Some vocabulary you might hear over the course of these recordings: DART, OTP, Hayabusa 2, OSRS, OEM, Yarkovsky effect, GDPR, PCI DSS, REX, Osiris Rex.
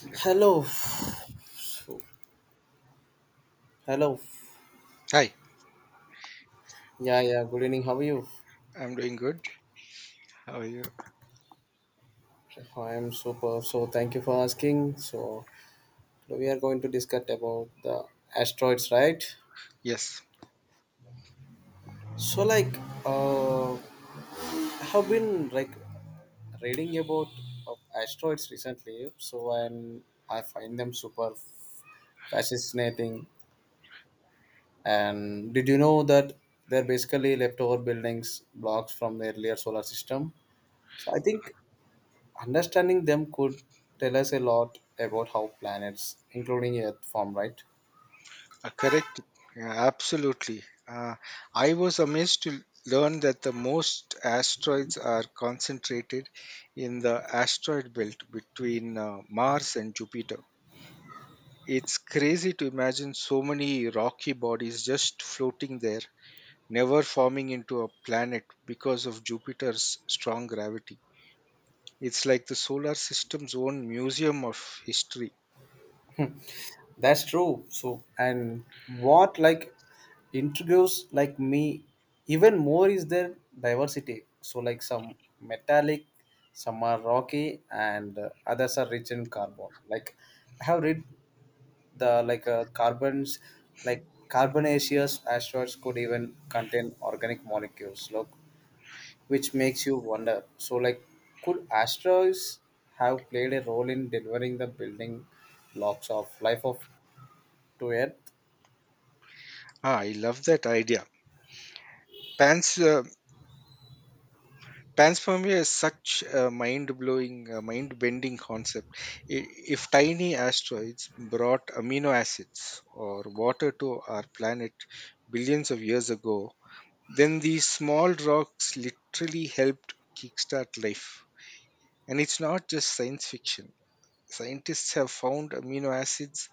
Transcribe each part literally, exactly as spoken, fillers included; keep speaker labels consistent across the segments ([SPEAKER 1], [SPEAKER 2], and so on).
[SPEAKER 1] Okay.
[SPEAKER 2] Hello. So, hello.
[SPEAKER 1] Hi,
[SPEAKER 2] Yeah, yeah. Good evening. How are you?
[SPEAKER 1] I'm doing good. How are you?
[SPEAKER 2] I am super. So, thank you for asking. So, we are going to discuss about the asteroids, right?
[SPEAKER 1] Yes,
[SPEAKER 2] So, like, uh, I have been like reading about uh, asteroids recently. So, and I find them super fascinating. And did you know that they're basically leftover buildings blocks from the earlier solar system? So, I think understanding them could tell us a lot about how planets including earth form, right?
[SPEAKER 1] uh, correct. Yeah, absolutely. Uh, I was amazed to learn that the most asteroids are concentrated in the asteroid belt between uh, Mars and Jupiter. It's crazy to imagine so many rocky bodies just floating there, never forming into a planet because of Jupiter's strong gravity. It's like the solar system's own museum of history.
[SPEAKER 2] That's true. So and what like intrigues like me even more is their diversity. So, like, some metallic, some are rocky, and uh, others are rich in carbon. like I have read the like uh, carbons like carbonaceous asteroids could even contain organic molecules, look, which makes you wonder. So, like, could asteroids have played a role in delivering the building blocks of life of to Earth?
[SPEAKER 1] Ah, I love that idea. Pans, uh, Panspermia is such a mind-blowing, uh, mind-bending concept. I- If tiny asteroids brought amino acids or water to our planet billions of years ago, then these small rocks literally helped kickstart life. And it's not just science fiction. Scientists have found amino acids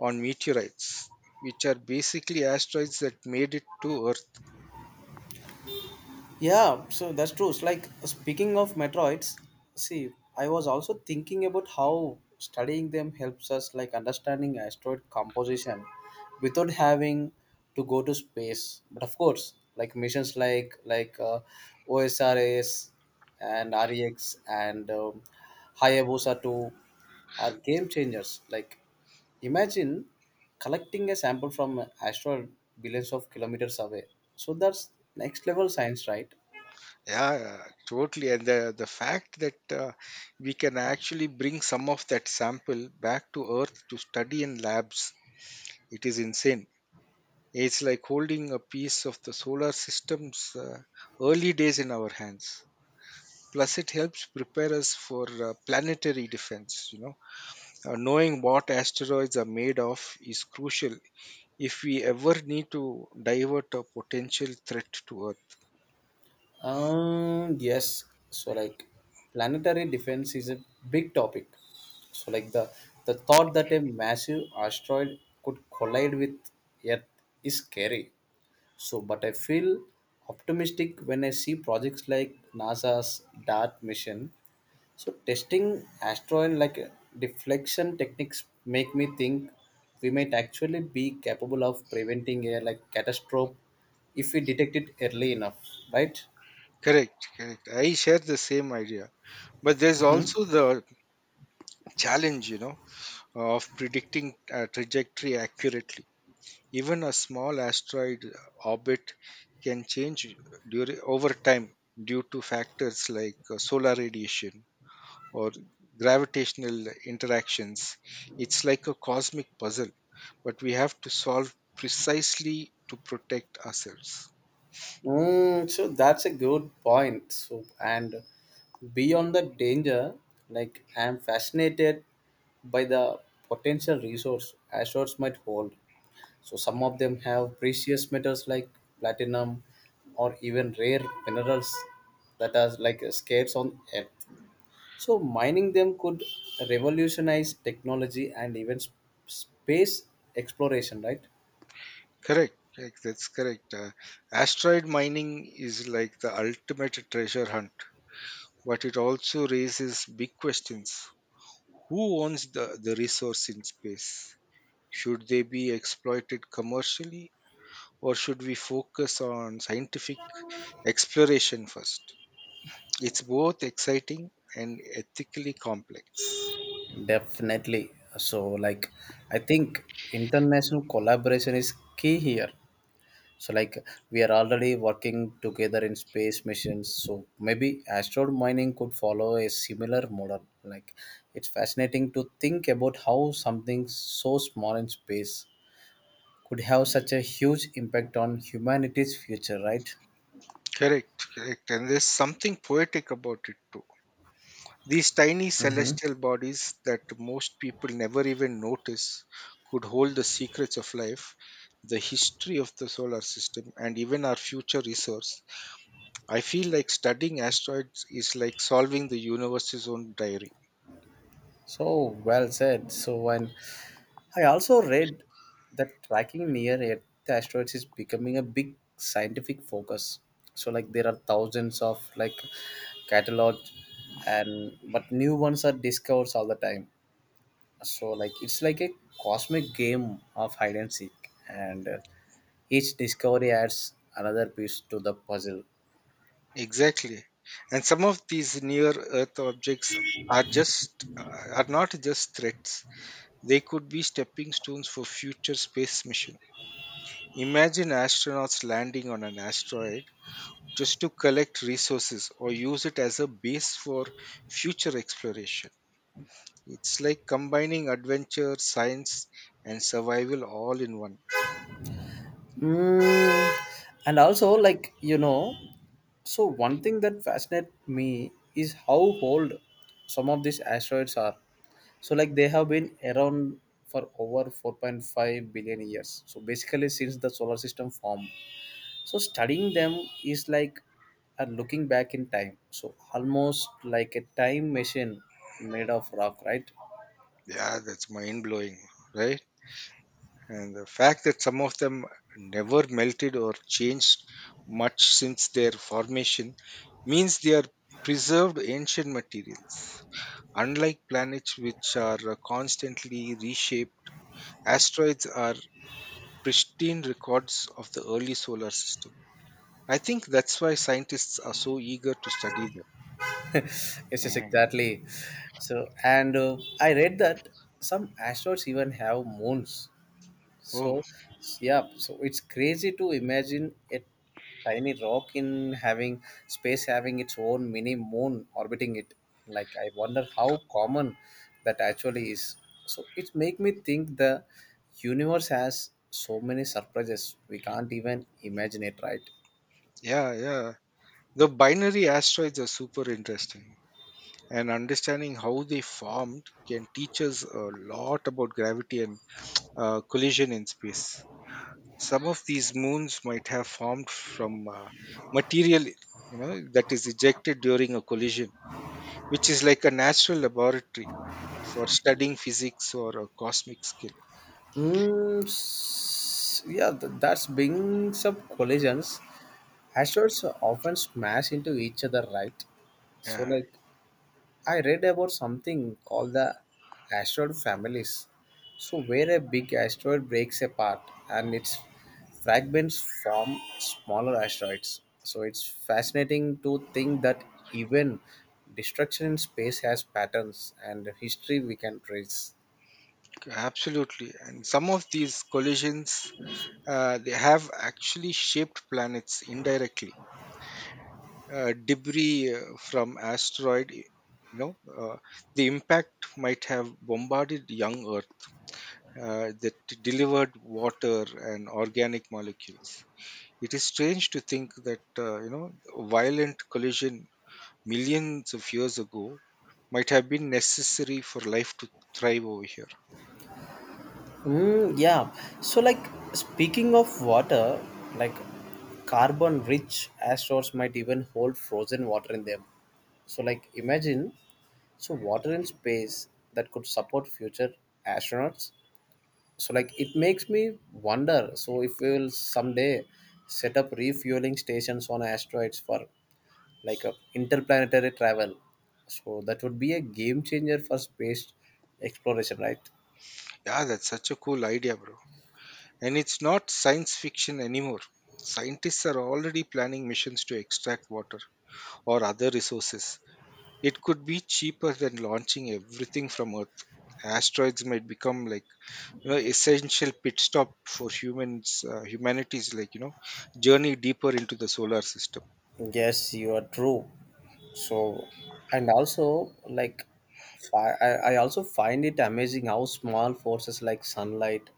[SPEAKER 1] on meteorites, which are basically asteroids that made it to Earth.
[SPEAKER 2] Yeah, so that's true. It's like, speaking of Metroids, see, I was also thinking about how studying them helps us like understanding asteroid composition without having to go to space. But of course, like missions like like uh, O S R S and REX, and um, Hayabusa two, are game changers. Like, imagine collecting a sample from an asteroid billions of kilometers away. So that's next level science, right?
[SPEAKER 1] Yeah, totally. And the, the fact that uh, we can actually bring some of that sample back to Earth to study in labs, it is insane. It's like holding a piece of the solar system's uh, early days in our hands. Plus, it helps prepare us for uh, planetary defense. You know, uh, knowing what asteroids are made of is crucial if we ever need to divert a potential threat to Earth.
[SPEAKER 2] Um, yes. So like planetary defense is a big topic. So like the the thought that a massive asteroid could collide with Earth is scary. So but I feel optimistic when I see projects like NASA's DART mission. So testing asteroid like deflection techniques make me think we might actually be capable of preventing a like catastrophe if we detect it early enough, right?
[SPEAKER 1] Correct, correct. I share the same idea. But there's also the challenge, you know, of predicting a trajectory accurately. Even a small asteroid uh, orbit can change during, over time due to factors like uh, solar radiation or gravitational interactions. It's like a cosmic puzzle, but we have to solve precisely to protect ourselves.
[SPEAKER 2] Mm, so that's a good point. So and beyond the danger, like I'm fascinated by the potential resource asteroids might hold. So some of them have precious metals like platinum or even rare minerals that are like scarce on Earth. So mining them could revolutionize technology and even sp- space exploration, right?
[SPEAKER 1] Correct. Correct, that's correct. Uh, asteroid mining is like the ultimate treasure hunt, but it also raises big questions. Who owns the, the resource in space? Should they be exploited commercially, or should we focus on scientific exploration first? It's both exciting and ethically complex.
[SPEAKER 2] Definitely. So, like, I think international collaboration is key here. So, like, we are already working together in space missions. So, maybe asteroid mining could follow a similar model. Like, it's fascinating to think about how something so small in space could have such a huge impact on humanity's future, right?
[SPEAKER 1] Correct, correct. And there's something poetic about it too. These tiny
[SPEAKER 2] Mm-hmm.
[SPEAKER 1] celestial bodies that most people never even notice could hold the secrets of life, the history of the solar system, and even our future resource. I feel like studying asteroids is like solving the universe's own diary.
[SPEAKER 2] So well said. So, and I also read that tracking near Earth asteroids is becoming a big scientific focus. So like there are thousands of like catalog and but new ones are discovered all the time. So like it's like a cosmic game of hide and seek, and uh, each discovery adds another piece to the puzzle.
[SPEAKER 1] Exactly. And some of these near Earth objects are just are not just threats. They could be stepping stones for future space missions. Imagine astronauts landing on an asteroid just to collect resources or use it as a base for future exploration. It's like combining adventure, science, and survival all in one.
[SPEAKER 2] Mm, and also, like, you know, so one thing that fascinates me is how old some of these asteroids are. So, like, they have been around for over four point five billion years. So, basically, since the solar system formed. So, studying them is like uh, looking back in time. So, almost like a time machine made of rock, right?
[SPEAKER 1] Yeah, that's mind blowing, right? And the fact that some of them never melted or changed much since their formation means they are preserved ancient materials. Unlike planets which are uh, constantly reshaped, asteroids are pristine records of the early solar system. I think that's why scientists are so eager to study them.
[SPEAKER 2] Yes, yes,
[SPEAKER 1] And
[SPEAKER 2] exactly. So, and uh, I read that some asteroids even have moons.
[SPEAKER 1] oh,
[SPEAKER 2] So, yeah, so it's crazy to imagine a tiny rock in having space having its own mini moon orbiting it. Like, I wonder how common that actually is. So, it make me think the universe has so many surprises we can't even imagine it, right?
[SPEAKER 1] yeah, yeah. The binary asteroids are super interesting, and understanding how they formed can teach us a lot about gravity and uh, collision in space. Some of these moons might have formed from uh, material, you know, that is ejected during a collision, which is like a natural laboratory for studying physics or a cosmic skill.
[SPEAKER 2] Mm, s- yeah, th- that's being some collisions. Asteroids often smash into each other, right? So,
[SPEAKER 1] Yeah.
[SPEAKER 2] like, I read about something called the asteroid families. So, where a big asteroid breaks apart and its fragments form smaller asteroids. So, it's fascinating to think that even destruction in space has patterns and history we can trace.
[SPEAKER 1] Absolutely, and some of these collisions uh, they have actually shaped planets indirectly. Uh, debris uh, from asteroid, you know, uh, the impact might have bombarded young Earth uh, that delivered water and organic molecules. It is strange to think that uh, you know a violent collision millions of years ago might have been necessary for life to thrive over here.
[SPEAKER 2] Mm, yeah. So, like, speaking of water, like, carbon rich asteroids might even hold frozen water in them. So, like, imagine, so water in space that could support future astronauts. So, like, it makes me wonder. So, if we will someday set up refueling stations on asteroids for like a interplanetary travel, so that would be a game changer for space exploration, right?
[SPEAKER 1] Yeah, that's such a cool idea, bro. And it's not science fiction anymore. Scientists are already planning missions to extract water or other resources. It could be cheaper than launching everything from Earth. Asteroids might become like you know essential pit stop for humans uh, humanity's like you know journey deeper into the solar system.
[SPEAKER 2] Yes, you are true. So, and also like, fi- I, I also find it amazing how small forces like sunlight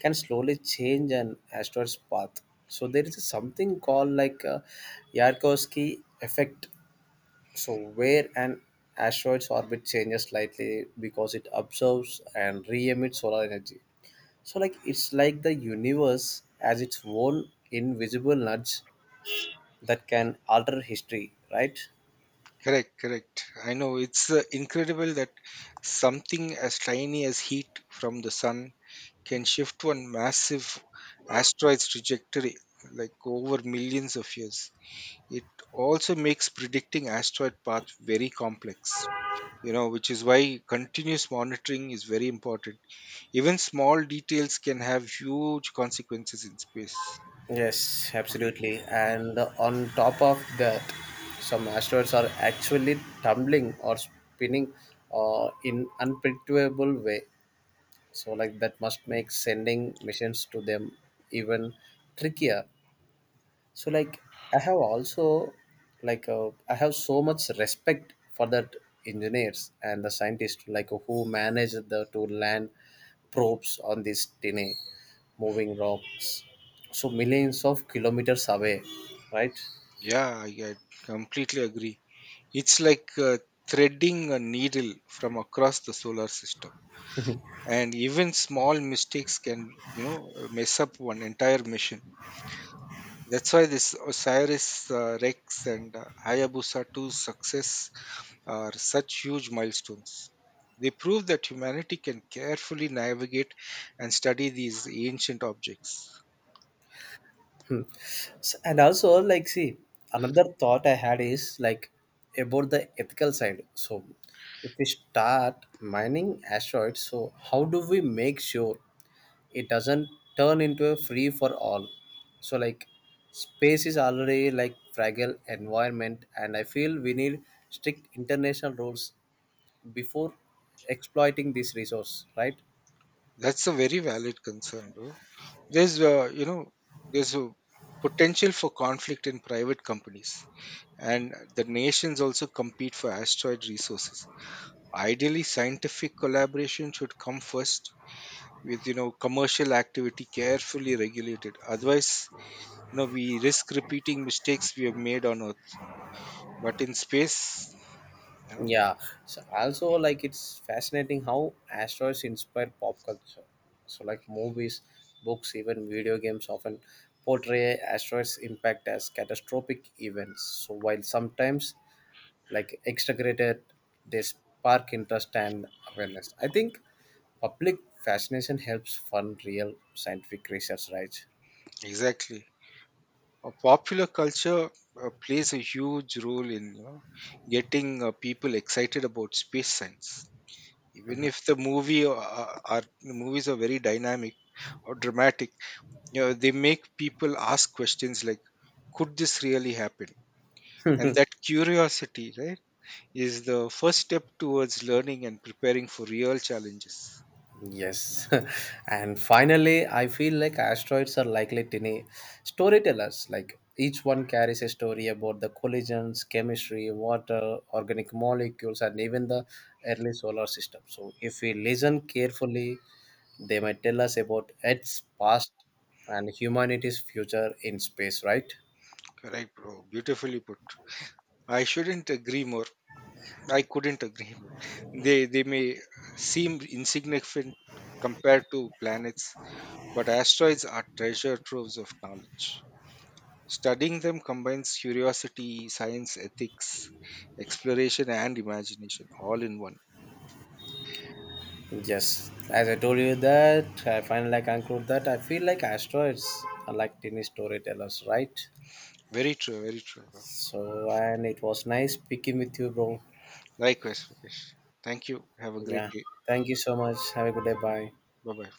[SPEAKER 2] can slowly change an asteroid's path. So there is something called like uh, Yarkovsky effect. So where an asteroid's orbit changes slightly because it absorbs and re-emits solar energy. So like it's like the universe has its own invisible nudge that can alter history, right?
[SPEAKER 1] Correct, correct. I know it's uh, incredible that something as tiny as heat from the sun can shift one massive asteroid's trajectory like over millions of years. It also makes predicting asteroid path very complex, you know, which is why continuous monitoring is very important. Even small details can have huge consequences in space.
[SPEAKER 2] Yes,
[SPEAKER 1] Okay.
[SPEAKER 2] absolutely.
[SPEAKER 1] And
[SPEAKER 2] And on top of that, some asteroids are actually tumbling or spinning uh, in unpredictable way. So like that must make sending missions to them even trickier. So like i have also like uh, i have so much respect for that engineers and the scientists like who manage the to land probes on these tiny moving rocks so millions of kilometers away, right?
[SPEAKER 1] yeah, I, I completely agree. It's like uh, threading a needle from across the solar system, and even small mistakes can you know mess up one entire mission. That's why this Osiris uh, Rex and uh, Hayabusa two's success are such huge milestones. They prove that humanity can carefully navigate and study these ancient objects.
[SPEAKER 2] Hmm. S- and also like see another thought I had is like about the ethical side. So if we start mining asteroids, so how do we make sure it doesn't turn into a free for all? So like space is already like fragile environment and I feel we need strict international rules before exploiting this resource, right?
[SPEAKER 1] That's a very valid concern, bro. There's, uh, you know, there's a potential for conflict in private companies, and the nations also compete for asteroid resources. Ideally, scientific collaboration should come first with you know commercial activity carefully regulated, otherwise you know we risk repeating mistakes we have made on earth but in space you know.
[SPEAKER 2] Yeah, so also like it's fascinating how asteroids inspire pop culture. So like movies, books, even video games often portray asteroids impact as catastrophic events. So while sometimes like extracted, they spark interest and awareness. I think public fascination helps fund real scientific research, right?
[SPEAKER 1] Exactly. A popular culture uh, plays a huge role in you know getting uh, people excited about space science, even if the movie uh, uh, are movies are very dynamic or dramatic, you know they make people ask questions like could this really happen, and that curiosity, right, is the first step towards learning and preparing for real challenges.
[SPEAKER 2] Yes. And finally, I feel like asteroids are likely tiny storytellers. Like each one carries a story about the collisions, chemistry, water, organic molecules, and even the early solar system. So, if we listen carefully, they might tell us about Earth's past and humanity's future in space, right?
[SPEAKER 1] Correct, bro. Beautifully put. I shouldn't agree more. I couldn't agree more. They they may seem insignificant compared to planets, but asteroids are treasure troves of knowledge. Studying them combines curiosity, science, ethics, exploration, and imagination all in one.
[SPEAKER 2] Yes, as I told you that, I finally conclude that I feel like asteroids are like tiny storytellers, right?
[SPEAKER 1] Very true, very true. Bro.
[SPEAKER 2] So, and it was nice speaking with you, bro.
[SPEAKER 1] Likewise, Rakesh. Thank you. Have a great
[SPEAKER 2] Yeah.
[SPEAKER 1] day.
[SPEAKER 2] Thank you so much. Have a good day. Bye.
[SPEAKER 1] Bye bye.